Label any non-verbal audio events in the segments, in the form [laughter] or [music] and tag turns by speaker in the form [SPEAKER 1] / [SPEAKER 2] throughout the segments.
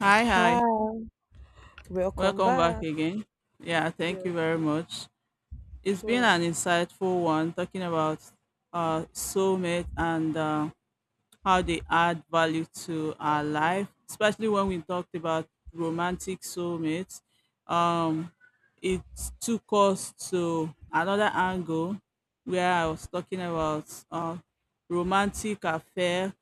[SPEAKER 1] Hi,
[SPEAKER 2] Hi,
[SPEAKER 1] hi.
[SPEAKER 2] welcome
[SPEAKER 1] Welcome back
[SPEAKER 2] back.
[SPEAKER 1] again. Yeah, thank
[SPEAKER 2] Yeah,
[SPEAKER 1] you very much. It's been
[SPEAKER 2] so
[SPEAKER 1] an insightful one talking about soulmate and how they add value to our life, especially when we talked about romantic soulmates. Um, it took us to another angle where I was talking about uh, romantic affair,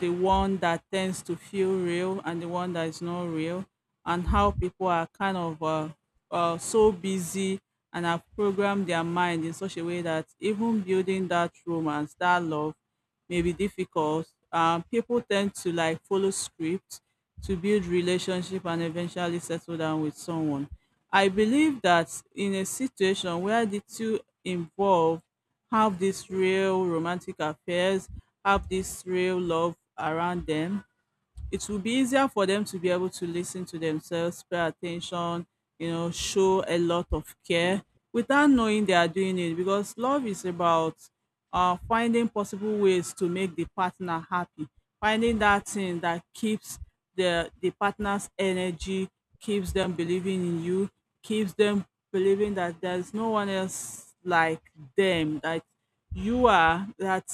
[SPEAKER 1] the one that tends to feel real and the one that is not real, and how people are kind of so busy and have programmed their mind in such a way that even building that romance, that love, may be difficult. People tend to like follow scripts to build relationship and eventually settle down with someone. I believe that in a situation where the two involved have this real romantic affairs, have this real love around them, it will be easier for them to be able to listen to themselves, pay attention, you know, show a lot of care without knowing they are doing it, because love is about finding possible ways to make the partner happy, finding that thing that keeps the partner's energy, keeps them believing in you, keeps them believing that there's no one else like them, that you are, that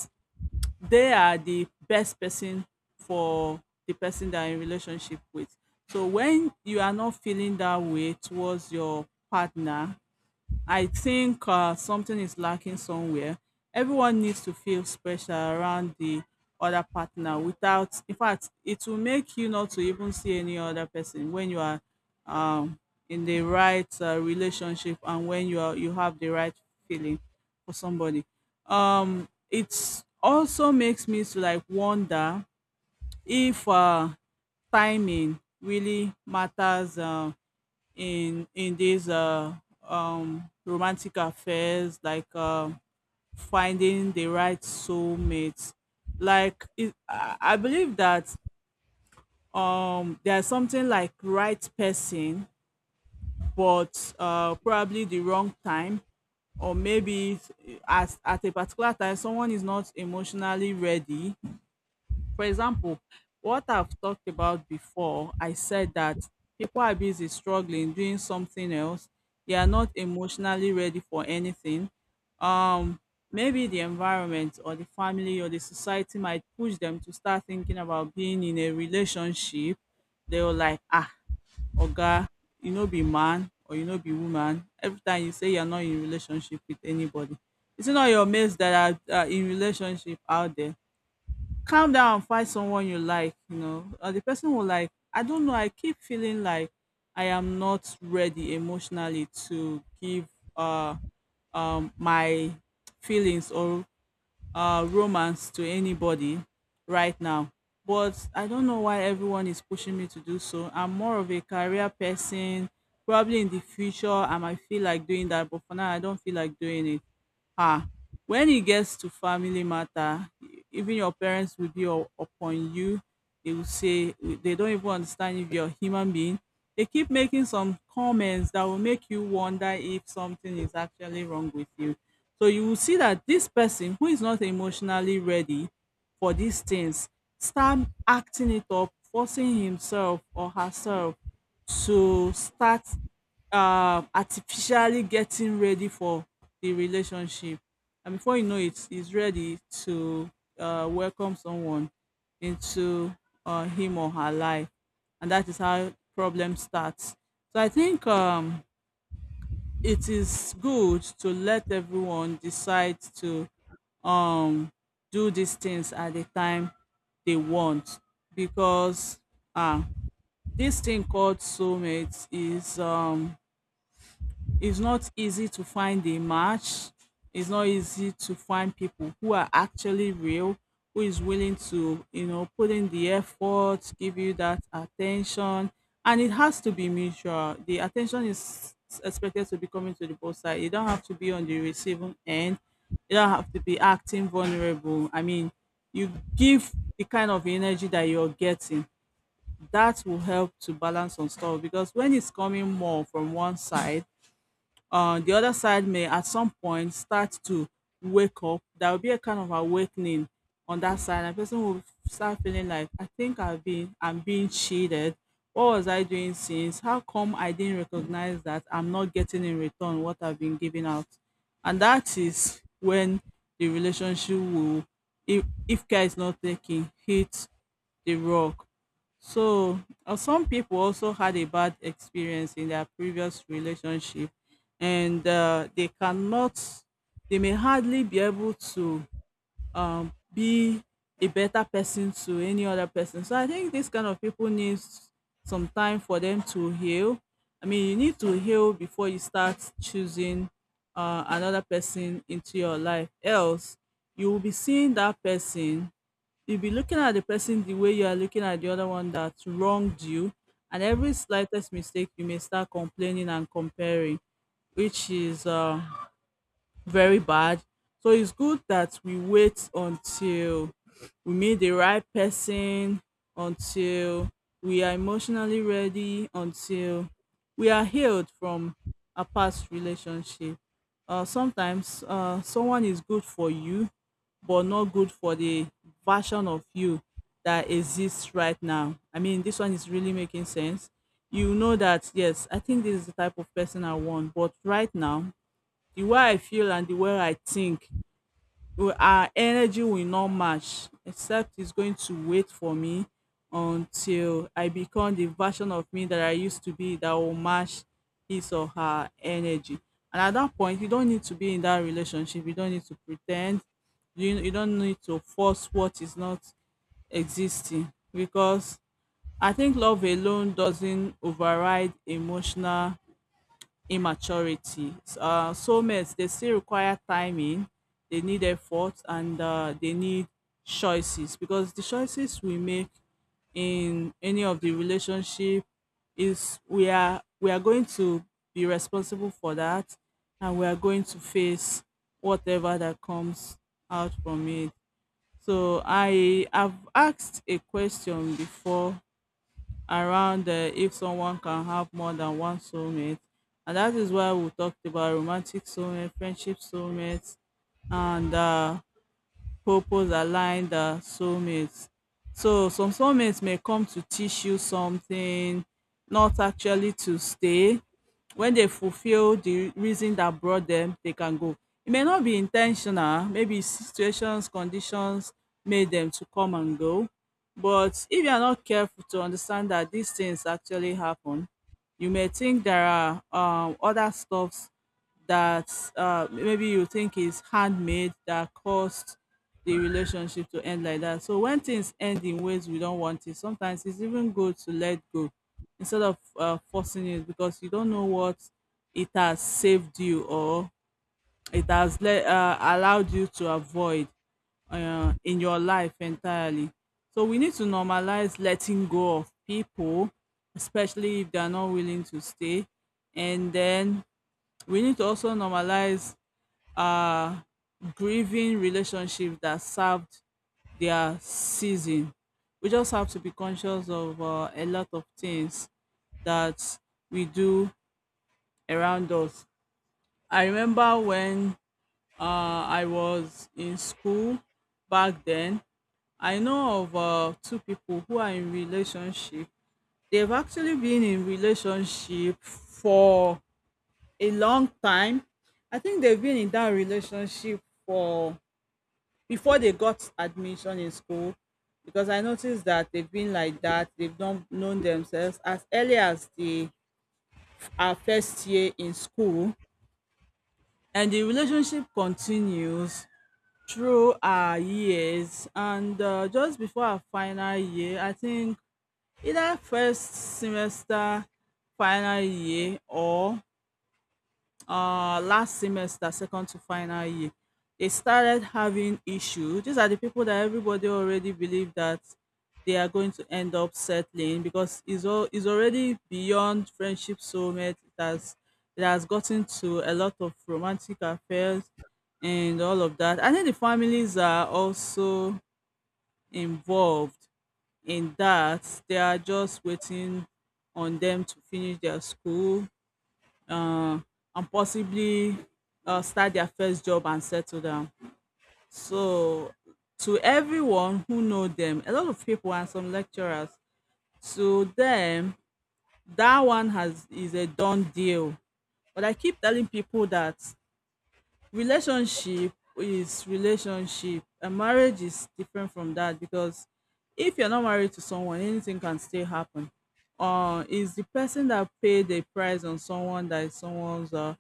[SPEAKER 1] they are the best person for the person that you're in relationship with. So when you are not feeling that way towards your partner, I think something is lacking somewhere. Everyone needs to feel special around the other partner. Without, in fact, it will make you not to even see any other person when you are um, in the right relationship, and when you are you have the right feeling for somebody. It also makes me to like wonder if timing really matters. In these romantic affairs, like finding the right soulmate. Like it, I believe that there's something like right person, but probably the wrong time, or maybe at a particular time someone is not emotionally ready. For example, what I've talked about before, I said that people are busy struggling, doing something else. They are not emotionally ready for anything. Um, Maybe the environment or the family or the society might push them to start thinking about being in a relationship. They were like, ah, Oga, you know, be man, or you know, be woman. Every time you say you're not in relationship with anybody, it's not your mates that are in relationship out there. Calm down, find someone you like, you know, or the person will. Like, I don't know, I keep feeling like I am not ready emotionally to give uh my feelings or romance to anybody right now. But I don't know why everyone is pushing me to do so. I'm more of a career person. Probably in the future, I might feel like doing that, but for now, I don't feel like doing it. Ah, when it gets to family matter, even your parents will be upon you. They will say they don't even understand if you're a human being. They keep making some comments that will make you wonder if something is actually wrong with you. So you will see that this person who is not emotionally ready for these things start acting it up, forcing himself or herself to start artificially getting ready for the relationship, and before you know it he's ready to welcome someone into him or her life, and that is how problem starts. So I think it is good to let everyone decide to um do these things at the time they want, because, ah, this thing called soulmates is it's not easy to find a match. It's not easy to find people who are actually real, who is willing to, you know, put in the effort, give you that attention. And it has to be mutual. The attention is expected to be coming to the both side. You don't have to be on the receiving end. You don't have to be acting vulnerable. I mean, you give the kind of energy that you're getting. That will help to balance on stuff, because when it's coming more from one side, the other side may at some point start to wake up. There will be a kind of awakening on that side, and person will start feeling like, I think I'm being cheated. What was I doing since? How come I didn't recognize that I'm not getting in return what I've been giving out? And that is when the relationship will, if care is not taken, hit the rock. So, some people also had a bad experience in their previous relationship, and they cannot they may hardly be able to be a better person to any other person. So I think this kind of people needs some time for them to heal. I mean, you need to heal before you start choosing another person into your life. Else, you will be seeing that person, you'll be looking at the person the way you are looking at the other one that wronged you, and every slightest mistake you may start complaining and comparing, which is very bad. So it's good that we wait until we meet the right person, until we are emotionally ready, until we are healed from a past relationship. Sometimes someone is good for you, but not good for the version of you that exists right now. I mean, this one is really making sense. You know that, yes, I think this is the type of person I want, but right now the way I feel and the way I think, our energy will not match, except it's going to wait for me until I become the version of me that I used to be that will match his or her energy. And at that point, you don't need to be in that relationship. You don't need to pretend. You don't need to force what is not existing, because I think love alone doesn't override emotional immaturity. Soulmates, they still require timing, they need effort, and they need choices, because the choices we make in any of the relationship is we are going to be responsible for that, and we are going to face whatever that comes out from it. So I have asked a question before around if someone can have more than one soulmate. And that is why we talked about romantic soulmate, friendship soulmates, and purpose aligned the soulmates. So some soulmates may come to teach you something, not actually to stay. When they fulfill the reason that brought them, they can go. It may not be intentional, maybe situations, conditions made them to come and go. But if you are not careful to understand that these things actually happen, you may think there are other stuffs that maybe you think is handmade that caused the relationship to end like that. So when things end in ways we don't want it, sometimes it's even good to let go instead of forcing it, because you don't know what it has saved you, or it has allowed you to avoid in your life entirely. So we need to normalize letting go of people, especially if they are not willing to stay. And then we need to also normalize uh grieving relationship that served their season. We just have to be conscious of a lot of things that we do around us. I remember when I was in school back then, I know of two people who are in relationship. They've actually been in relationship for a long time. I think they've been in that relationship for before they got admission in school, because I noticed that they've been like that. They've not known themselves as early as the our first year in school, and the relationship continues through our years. And just before our final year, I think either first semester, final year, or last semester, second to final year, they started having issue. These are the people that everybody already believe that they are going to end up settling, because it's all, it's already beyond friendship soulmate. It has gotten to a lot of romantic affairs and all of that. I think the families are also involved in that. They are just waiting on them to finish their school um and possibly start their first job and settle down. So to everyone who know them, a lot of people and some lecturers, to them, that one has is a done deal. But I keep telling people that relationship is relationship and marriage is different from that, because if you're not married to someone, anything can still happen. Is the person that paid a price on someone that is someone's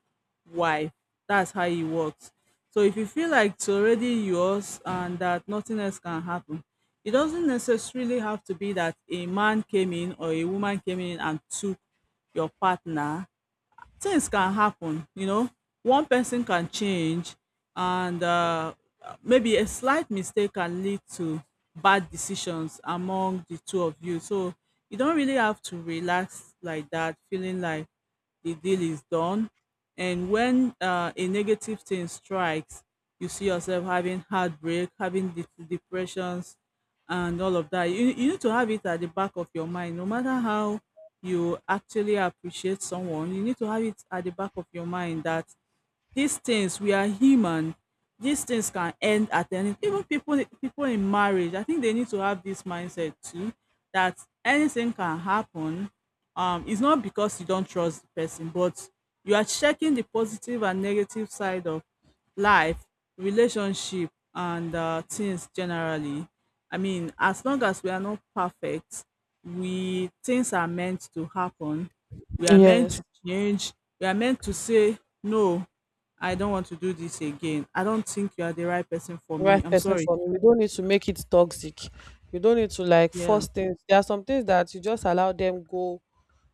[SPEAKER 1] wife. That's how it works. So if you feel like it's already yours and that nothing else can happen, it doesn't necessarily have to be that a man came in or a woman came in and took your partner, things can happen. One person can change, and maybe a slight mistake can lead to bad decisions among the two of you. So you don't really have to relax like that, feeling like the deal is done. And when a negative thing strikes, you see yourself having heartbreak, having depressions, and all of that. You need to have it at the back of your mind. No matter how you actually appreciate someone, you need to have it at the back of your mind that these things, we are human. These things can end at any, even people in marriage, I think they need to have this mindset too, that anything can happen. It's not because you don't trust the person, but you are checking the positive and negative side of life, relationship, and things generally. I mean, as long as we are not perfect, we, things are meant to happen. We are meant
[SPEAKER 2] Yes,
[SPEAKER 1] to change. We are meant to say no. I don't want to do this again. I don't think you are the right person for me.
[SPEAKER 2] right
[SPEAKER 1] I'm
[SPEAKER 2] person
[SPEAKER 1] sorry.
[SPEAKER 2] for me. We don't need to make it toxic. We don't need to
[SPEAKER 1] Yeah.
[SPEAKER 2] force things. There are some things that you just allow them go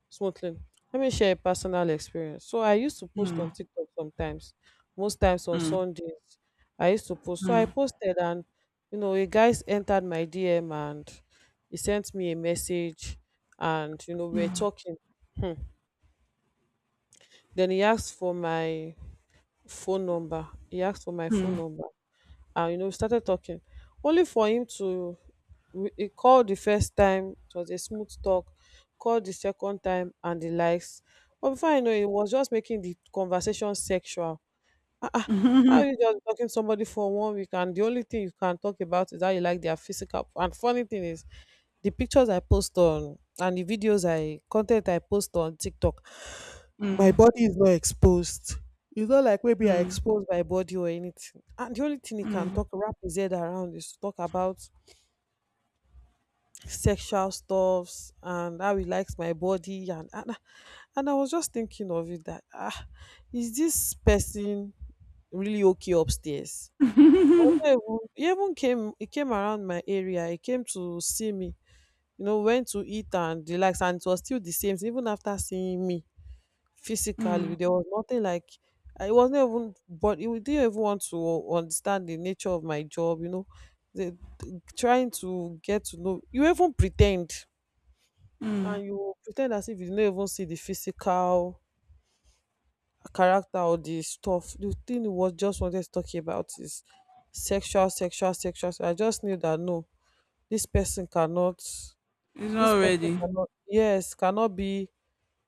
[SPEAKER 2] smoothly. Let me share a personal experience. So I used to post on TikTok sometimes, most times on Sundays. I used to post. So I posted and a guy entered my DM and he sent me a message and we were talking. Hmm. Then he asked for my phone number. He asked for my phone number, and we started talking. Only for him to he called the first time, it was a smooth talk, called the second time, and the likes. But before I know, it, he was just making the conversation sexual. Ah, ah, how you just talking to somebody for 1 week, and the only thing you can talk about is how you like their physical. And funny thing is, the pictures I post on and the videos I content I post on TikTok my
[SPEAKER 1] Mm.
[SPEAKER 2] body is not exposed. It's not like maybe I expose my body or anything. And the only thing he can talk wrap his head around is to talk about sexual stuffs and how he likes my body and and I was just thinking of it that is this person really okay upstairs? Was not even- He even came he came around my area, he came to see me, you know, went to eat and the likes, and it was still the same. Even after seeing me physically, there was nothing like I wasn't even, but you didn't even want to understand the nature of my job. You know, the, trying to get to know you, even pretend and you pretend as if you didn't even see the physical character or the stuff. The thing you was just wanted to talk about is sexual, sexual, sexual. So I just knew that no, this person cannot
[SPEAKER 1] He's not
[SPEAKER 2] this person
[SPEAKER 1] ready.
[SPEAKER 2] cannot yes, cannot be,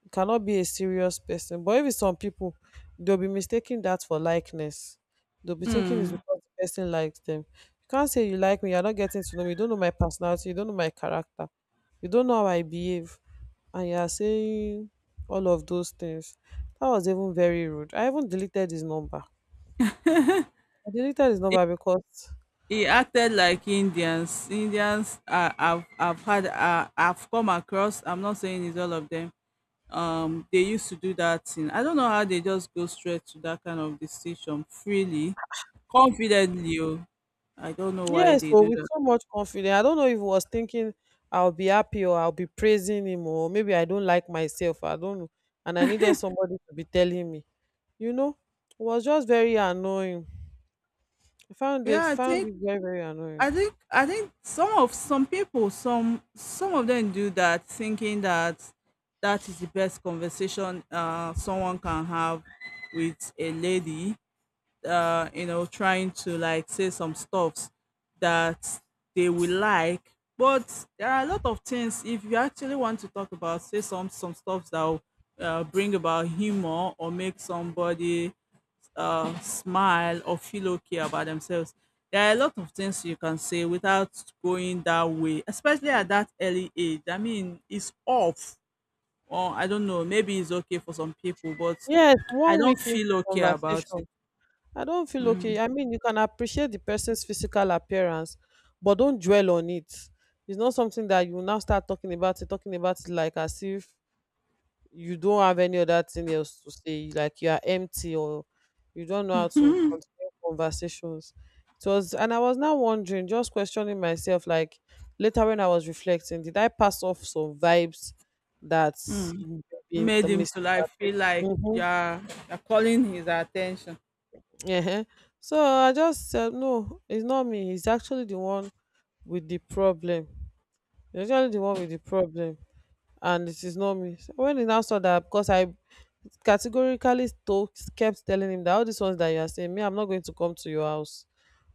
[SPEAKER 2] you cannot be a serious person. But if it's some people, they'll be mistaking that for likeness. They'll be thinking it's
[SPEAKER 1] Mm.
[SPEAKER 2] because the person likes them. You can't say you like me, you're not getting to know me, you don't know my personality, you don't know my character, you don't know how I behave, and you're saying all of those things. That was even very rude. I even deleted his number. I deleted his number because
[SPEAKER 1] He acted like Indians. Indians, I've had, I've come across. I'm not saying it's all of them. They used to do that thing. I don't know how they just go straight to that kind of decision freely, confidently. Oh. I don't know why
[SPEAKER 2] yes,
[SPEAKER 1] they
[SPEAKER 2] so
[SPEAKER 1] do
[SPEAKER 2] with
[SPEAKER 1] that.
[SPEAKER 2] so much confidence. I don't know if he was thinking I'll be happy or I'll be praising him or maybe I don't like myself. I don't know. And I needed somebody to be telling me. You know, it was just very annoying. I found it,
[SPEAKER 1] Yeah, I
[SPEAKER 2] found
[SPEAKER 1] think
[SPEAKER 2] it very, very annoying.
[SPEAKER 1] I think I think some of some people some of them do that thinking that that is the best conversation someone can have with a lady, you know, trying to like say some stuffs that they will like. But there are a lot of things, if you actually want to talk about, say some stuff that will, bring about humor or make somebody, smile or feel okay about themselves. There are a lot of things you can say without going that way, especially at that early age. I mean, it's off. Or I don't know, maybe it's okay for some people, but
[SPEAKER 2] Yes,
[SPEAKER 1] I
[SPEAKER 2] one
[SPEAKER 1] don't
[SPEAKER 2] week into
[SPEAKER 1] feel okay about it.
[SPEAKER 2] conversation. I don't feel okay. I mean, you can appreciate the person's physical appearance, but don't dwell on it. It's not something that you now start talking about it like as if you don't have any other thing else to say, like you are empty or you don't know how to continue conversations. It was, and I was now wondering, just questioning myself like later when I was reflecting, did I pass off some vibes that's been
[SPEAKER 1] Made him to like
[SPEAKER 2] misinterpreted?
[SPEAKER 1] feel like
[SPEAKER 2] Mm-hmm.
[SPEAKER 1] you're calling his attention,
[SPEAKER 2] uh so I just said no, it's not me, it's actually the one with the problem. It's actually the one with the problem and it is not me. So when he now saw that, because I categorically to kept telling him that all these ones that you are saying, me, I'm not going to come to your house.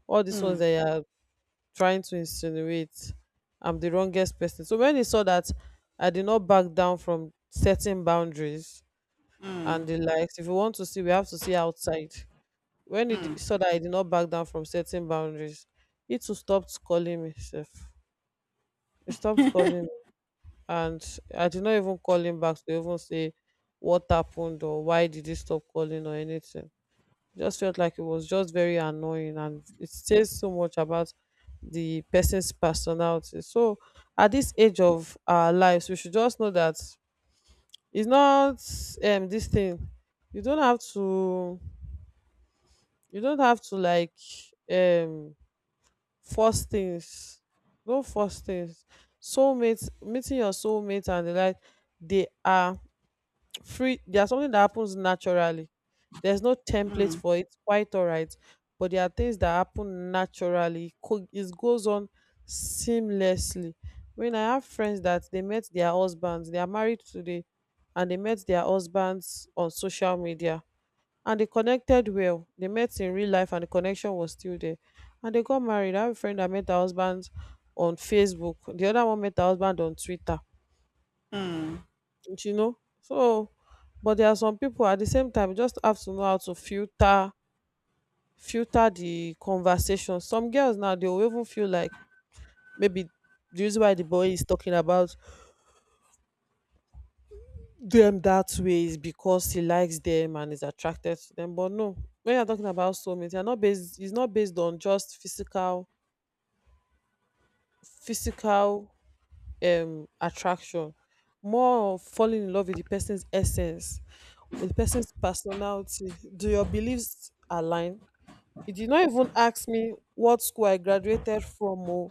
[SPEAKER 2] All these ones that you are trying to insinuate, I'm the wrongest person. So when he saw that I did not back down from setting boundaries and the likes, if you want to see, we have to see outside. When he saw that I did not back down from setting boundaries, he too stopped calling me. Sef. He stopped calling me. And I did not even call him back to even say what happened or why did he stop calling or anything. Just felt like it was just very annoying and it says so much about the person's personality. So at this age of our lives, we should just know that it's not this thing. You don't have to, you don't have to um force things. Don't force things. Soulmates, meeting your soulmate and the like, they are free. There's something that happens naturally. There's no template for it, quite all right, but there are things that happen naturally. It goes on seamlessly. When I have friends that they met their husbands, they are married today, and they met their husbands on social media and they connected well, they met in real life and the connection was still there and they got married. I have a friend that met her husband on Facebook, the other one met her husband on Twitter, you know. So but there are some people at the same time, you just have to know how to filter, filter the conversation. Some girls now, they will even feel like maybe the reason why the boy is talking about them that way is because he likes them and is attracted to them. But no, when you're talking about soulmates, you're not based, it's not based on just physical, physical attraction. More of falling in love with the person's essence, with the person's personality. Do your beliefs align? He did not even ask me what school I graduated from oo,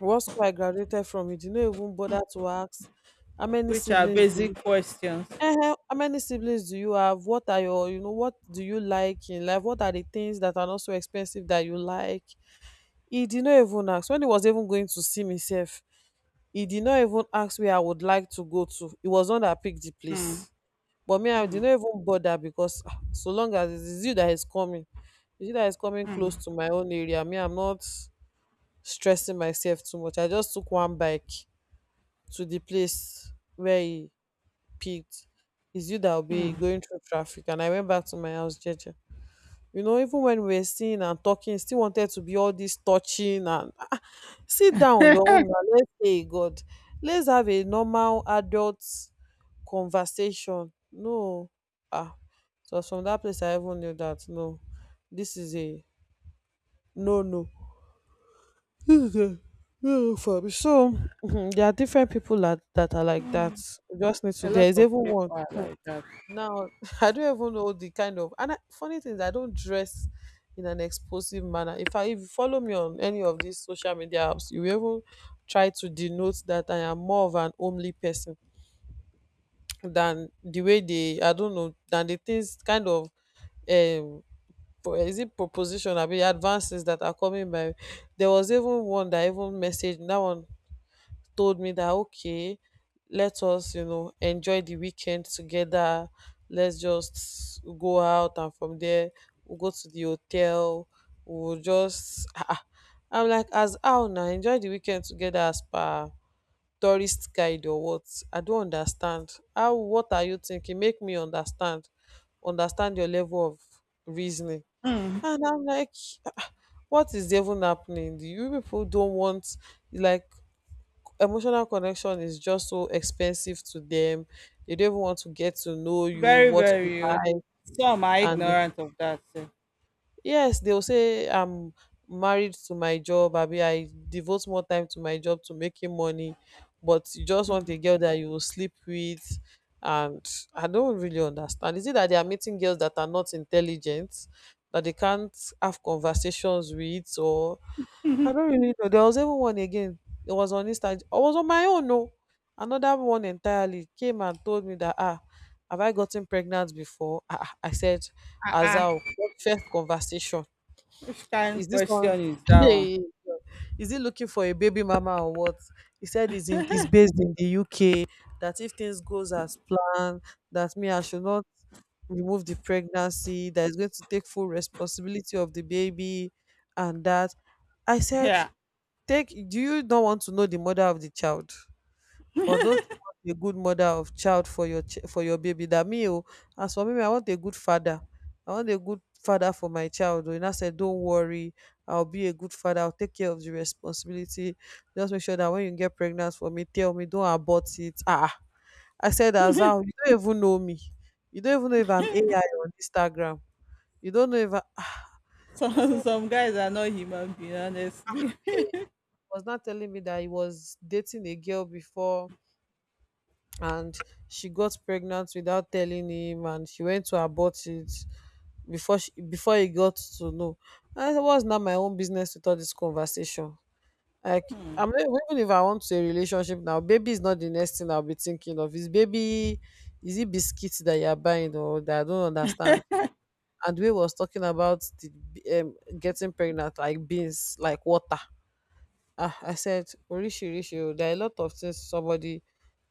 [SPEAKER 2] what school I graduated from. He did not even bother to ask how many
[SPEAKER 1] which are
[SPEAKER 2] siblings do
[SPEAKER 1] basic
[SPEAKER 2] you
[SPEAKER 1] questions.
[SPEAKER 2] how many siblings do you have? What are your, you know, what do you like in life? What are the things that are not so expensive that you like? He did not even ask. When he was even going to see me sef, he did not even ask where I would like to go to. He was the one that picked the place. But me, I did not even bother because ah, so long as it is you that is coming, it's you that is coming close to my own area. Me, I'm not stressing myself too much. I just took one bike to the place where he picked. It's you that will be going through traffic. And I went back to my house, Jeje. You know, even when we were seeing and talking, he still wanted to be all this touching and sit down your own now. Let's say, God, let's have a normal adult conversation. No. Ah. So from that place, I even knew that no, this is a no no. This is a no no for me. So mhm, there are different people that, that are like that. You just need
[SPEAKER 1] A
[SPEAKER 2] to,
[SPEAKER 1] lot
[SPEAKER 2] there is
[SPEAKER 1] of
[SPEAKER 2] even
[SPEAKER 1] people
[SPEAKER 2] one.
[SPEAKER 1] are
[SPEAKER 2] Hmm,
[SPEAKER 1] like that.
[SPEAKER 2] now [laughs] I don't even know the kind of, funny thing is I don't dress in an explosive manner. If I, if you follow me on any of these social media apps, you will even try to denote that I am more of an homely person than the way they, I don't know, than the things kind of um is it proposition? I mean advances that are coming by. There was even one that even messaged, that one told me that okay, let us, you know, enjoy the weekend together. Let's just go out and from there we'll go to the hotel. We'll just [laughs] I'm like, as how now, enjoy the weekend together as per tourist guide or what? I don't understand. How, what are you thinking? Make me understand. Understand your level of reasoning. And I'm like, "Ah, what is even happening? You people don't want like emotional connection is just so expensive to them. They don't even want to get to know you,
[SPEAKER 1] Very,
[SPEAKER 2] what you
[SPEAKER 1] very rude.
[SPEAKER 2] like,
[SPEAKER 1] Some are
[SPEAKER 2] and
[SPEAKER 1] ignorant of that. So
[SPEAKER 2] yes, they'll say I'm married to my job, abi, I devote more time to my job to making money. But you just want a girl that you will sleep with. And I don't really understand, is it that they are meeting girls that are not intelligent that they can't have conversations with, or I don't really know. There was even one again, it was on Instagram. I was on my own, no, another one entirely came and told me that ah, have I gotten pregnant before? Ah, ah." I said, Azao, what first conversation?
[SPEAKER 1] which kind
[SPEAKER 2] Is
[SPEAKER 1] of
[SPEAKER 2] this one?
[SPEAKER 1] question is that one?
[SPEAKER 2] Hey, is he looking for a baby mama or what? He said he's in, he's based in the UK. That if things goes as planned, that me I should not remove the pregnancy. That is going to take full responsibility of the baby, and that I
[SPEAKER 1] [laughs]
[SPEAKER 2] said,
[SPEAKER 1] Yeah.
[SPEAKER 2] take. Do you not want to know the mother of the child? Or don't you want a good mother of child for your for your baby? That me, oh, as for me, I want a good father. I want a good father for my child. Oh. And I said, don't worry, I'll be a good father. I'll take care of the responsibility. Just make sure that when you get pregnant for me, tell me, don't abort it. Ah, I said, as you don't even know me. You don't even know if I'm AI on Instagram. You don't know if I, ah." I
[SPEAKER 1] Some [laughs]
[SPEAKER 2] said,
[SPEAKER 1] some guys are not human being, honestly. [laughs]
[SPEAKER 2] hey, he was not telling me that he was dating a girl before and she got pregnant without telling him and she went to abort it before she before he got to know. I said, what's not my own business with all this conversation? Like, I'm not, even if I want to a relationship now, baby is not the next thing I'll be thinking of is baby. Is it biscuits that you're buying or that I don't understand? And we was talking about the getting pregnant like beans like water. Ah, I said, orishi orishi, there are a lot of things somebody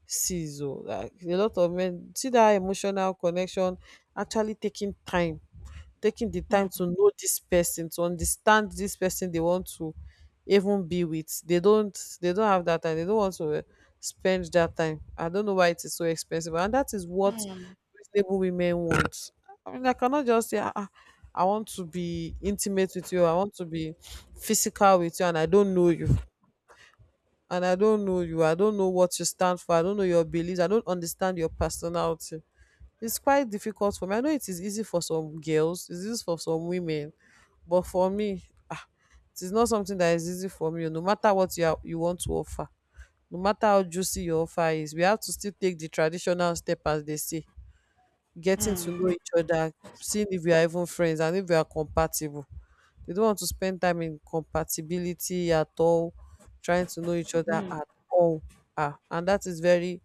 [SPEAKER 2] sees o, like a lot of men see that emotional connection, actually taking time, taking the time to know this person, to understand this person they want to even be with. They don't have that time, they don't want to spend that time. I don't know why it is so expensive, and that is what reasonable women want. I mean, I cannot just say, ah, ah, I want to be intimate with you, I want to be physical with you, and I don't know you. And I don't know you. I don't know what you stand for. I don't know your beliefs. I don't understand your personality. It's quite difficult for me. I know it is easy for some girls, it's easy for some women, but for me, ah, it is not something that is easy for me. No matter what you are, you want to offer, no matter how juicy your offer is, we have to still take the traditional step, as they say, getting to know each other, seeing if we are even friends and if we are compatible. They don't want to spend time in compatibility at all, trying to know each other at all. Ah, and that is very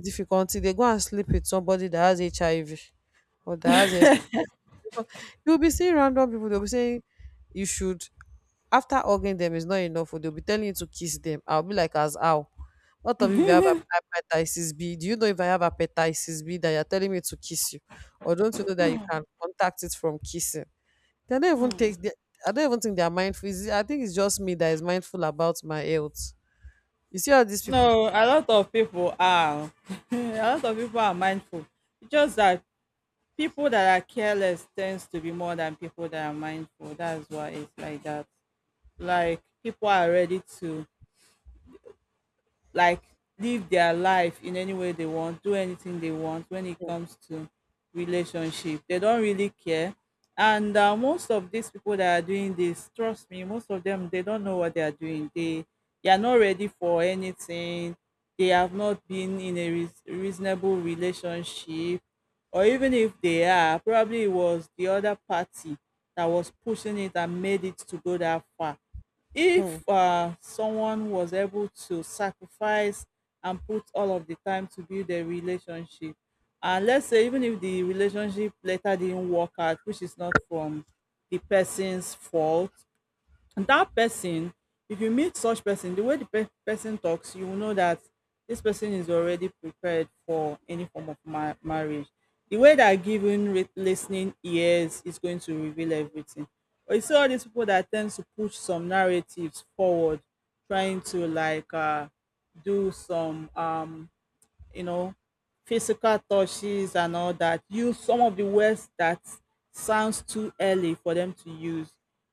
[SPEAKER 2] difficult. Till they go and sleep with somebody that has HIV or that has a, you'll be seeing random people, they'll be saying you should, after hugging them is not enough, or they'll be telling you to kiss them. I'll be like, as how? What of if you have hepatitis B? Do you know if I have hepatitis B that you're telling me to kiss you? Or don't you know that you can contact it from kissing? They don't even take the, I don't even think they are mindful. It's, I think it's just me that is mindful about my health. You see all these people?
[SPEAKER 1] No, a lot of people are. [laughs] A lot of people are mindful. It's just that people that are careless tends to be more than people that are mindful. That's why it's like that. Like people are ready to like live their life in any way they want, do anything they want when it comes to relationship. They don't really care. And most of these people that are doing this, trust me, most of them they don't know what they are doing. They are not ready for anything. They have not been in a reasonable relationship, or even if they are, probably it was the other party that was pushing it and made it to go that far.
[SPEAKER 2] Hmm.
[SPEAKER 1] If someone was able to sacrifice and put all of the time to build a relationship, and let's say even if the relationship later didn't work out, which is not from the person's fault, and that person, if you meet such person, the way the person talks, you will know that this person is already prepared for any form of marriage. The way that giving listening ears is going to reveal everything. But you see all these people that tend to push some narratives forward, trying to like, do some, you know, physical touches and all that, use some of the words that sounds too early for them to use.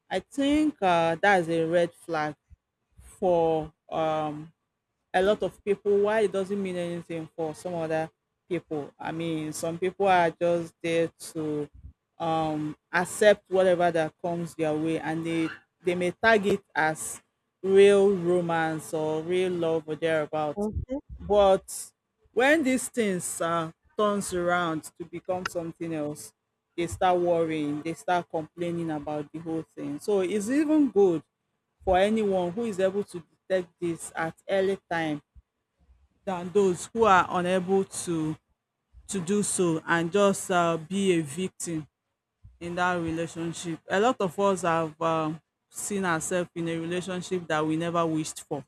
[SPEAKER 1] I think, that's a red flag for, a lot of people, why it doesn't mean anything for some other people. I mean, some people are just there to, accept whatever that comes their way, and they may tag it as real romance or real love or thereabout.
[SPEAKER 2] Hmm.
[SPEAKER 1] But when these things, turns around to become something else, they start worrying, they start complaining about the whole thing. So it's even good for anyone who is able to detect this at early time than those who are unable to do so and just be a victim in that relationship. A lot of us have, seen ourselves in a relationship that we never wished for.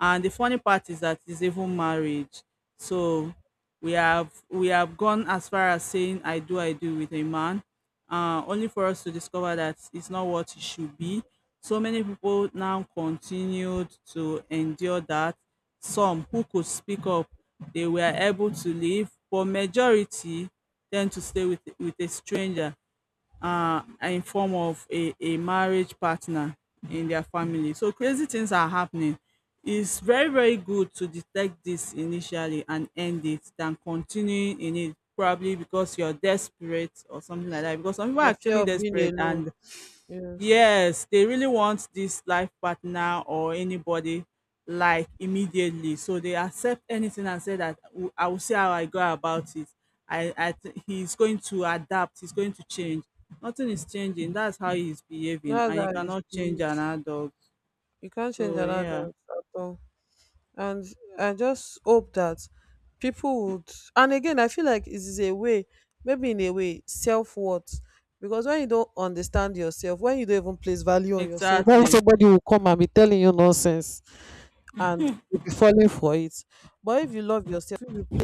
[SPEAKER 1] And the funny part is that it's even marriage. So we have gone as far as saying I do with a man, only for us to discover that it's not what it should be. So many people now continued to endure that. Some who could speak up, they were able to leave, but majority tend to stay with a stranger, in form of a marriage partner in their family. So crazy things are happening. It's very, very good to detect this initially and end it than continuing in it probably because you're desperate or something like that. Because some people are
[SPEAKER 2] The fear
[SPEAKER 1] actually
[SPEAKER 2] of being
[SPEAKER 1] desperate
[SPEAKER 2] alone.
[SPEAKER 1] and,
[SPEAKER 2] Yes.
[SPEAKER 1] yes, they really want this life partner or anybody like immediately. So they accept anything and say that, "W- I will see how I go about it. I th- he's going to adapt. He's going to change." Nothing is changing. That's how he's behaving,
[SPEAKER 2] That's
[SPEAKER 1] and
[SPEAKER 2] how
[SPEAKER 1] you
[SPEAKER 2] it is.
[SPEAKER 1] cannot change
[SPEAKER 2] You
[SPEAKER 1] an adult.
[SPEAKER 2] can't change
[SPEAKER 1] So
[SPEAKER 2] an
[SPEAKER 1] yeah,
[SPEAKER 2] adult at all. And I just hope that people would, and again I feel like it is a way, maybe in a way, self worth. Because when you don't understand yourself, when you don't even place value on yourself, when
[SPEAKER 1] exactly.
[SPEAKER 2] somebody will come and be telling you nonsense, and you'll be falling for it. But if you love yourself, if you place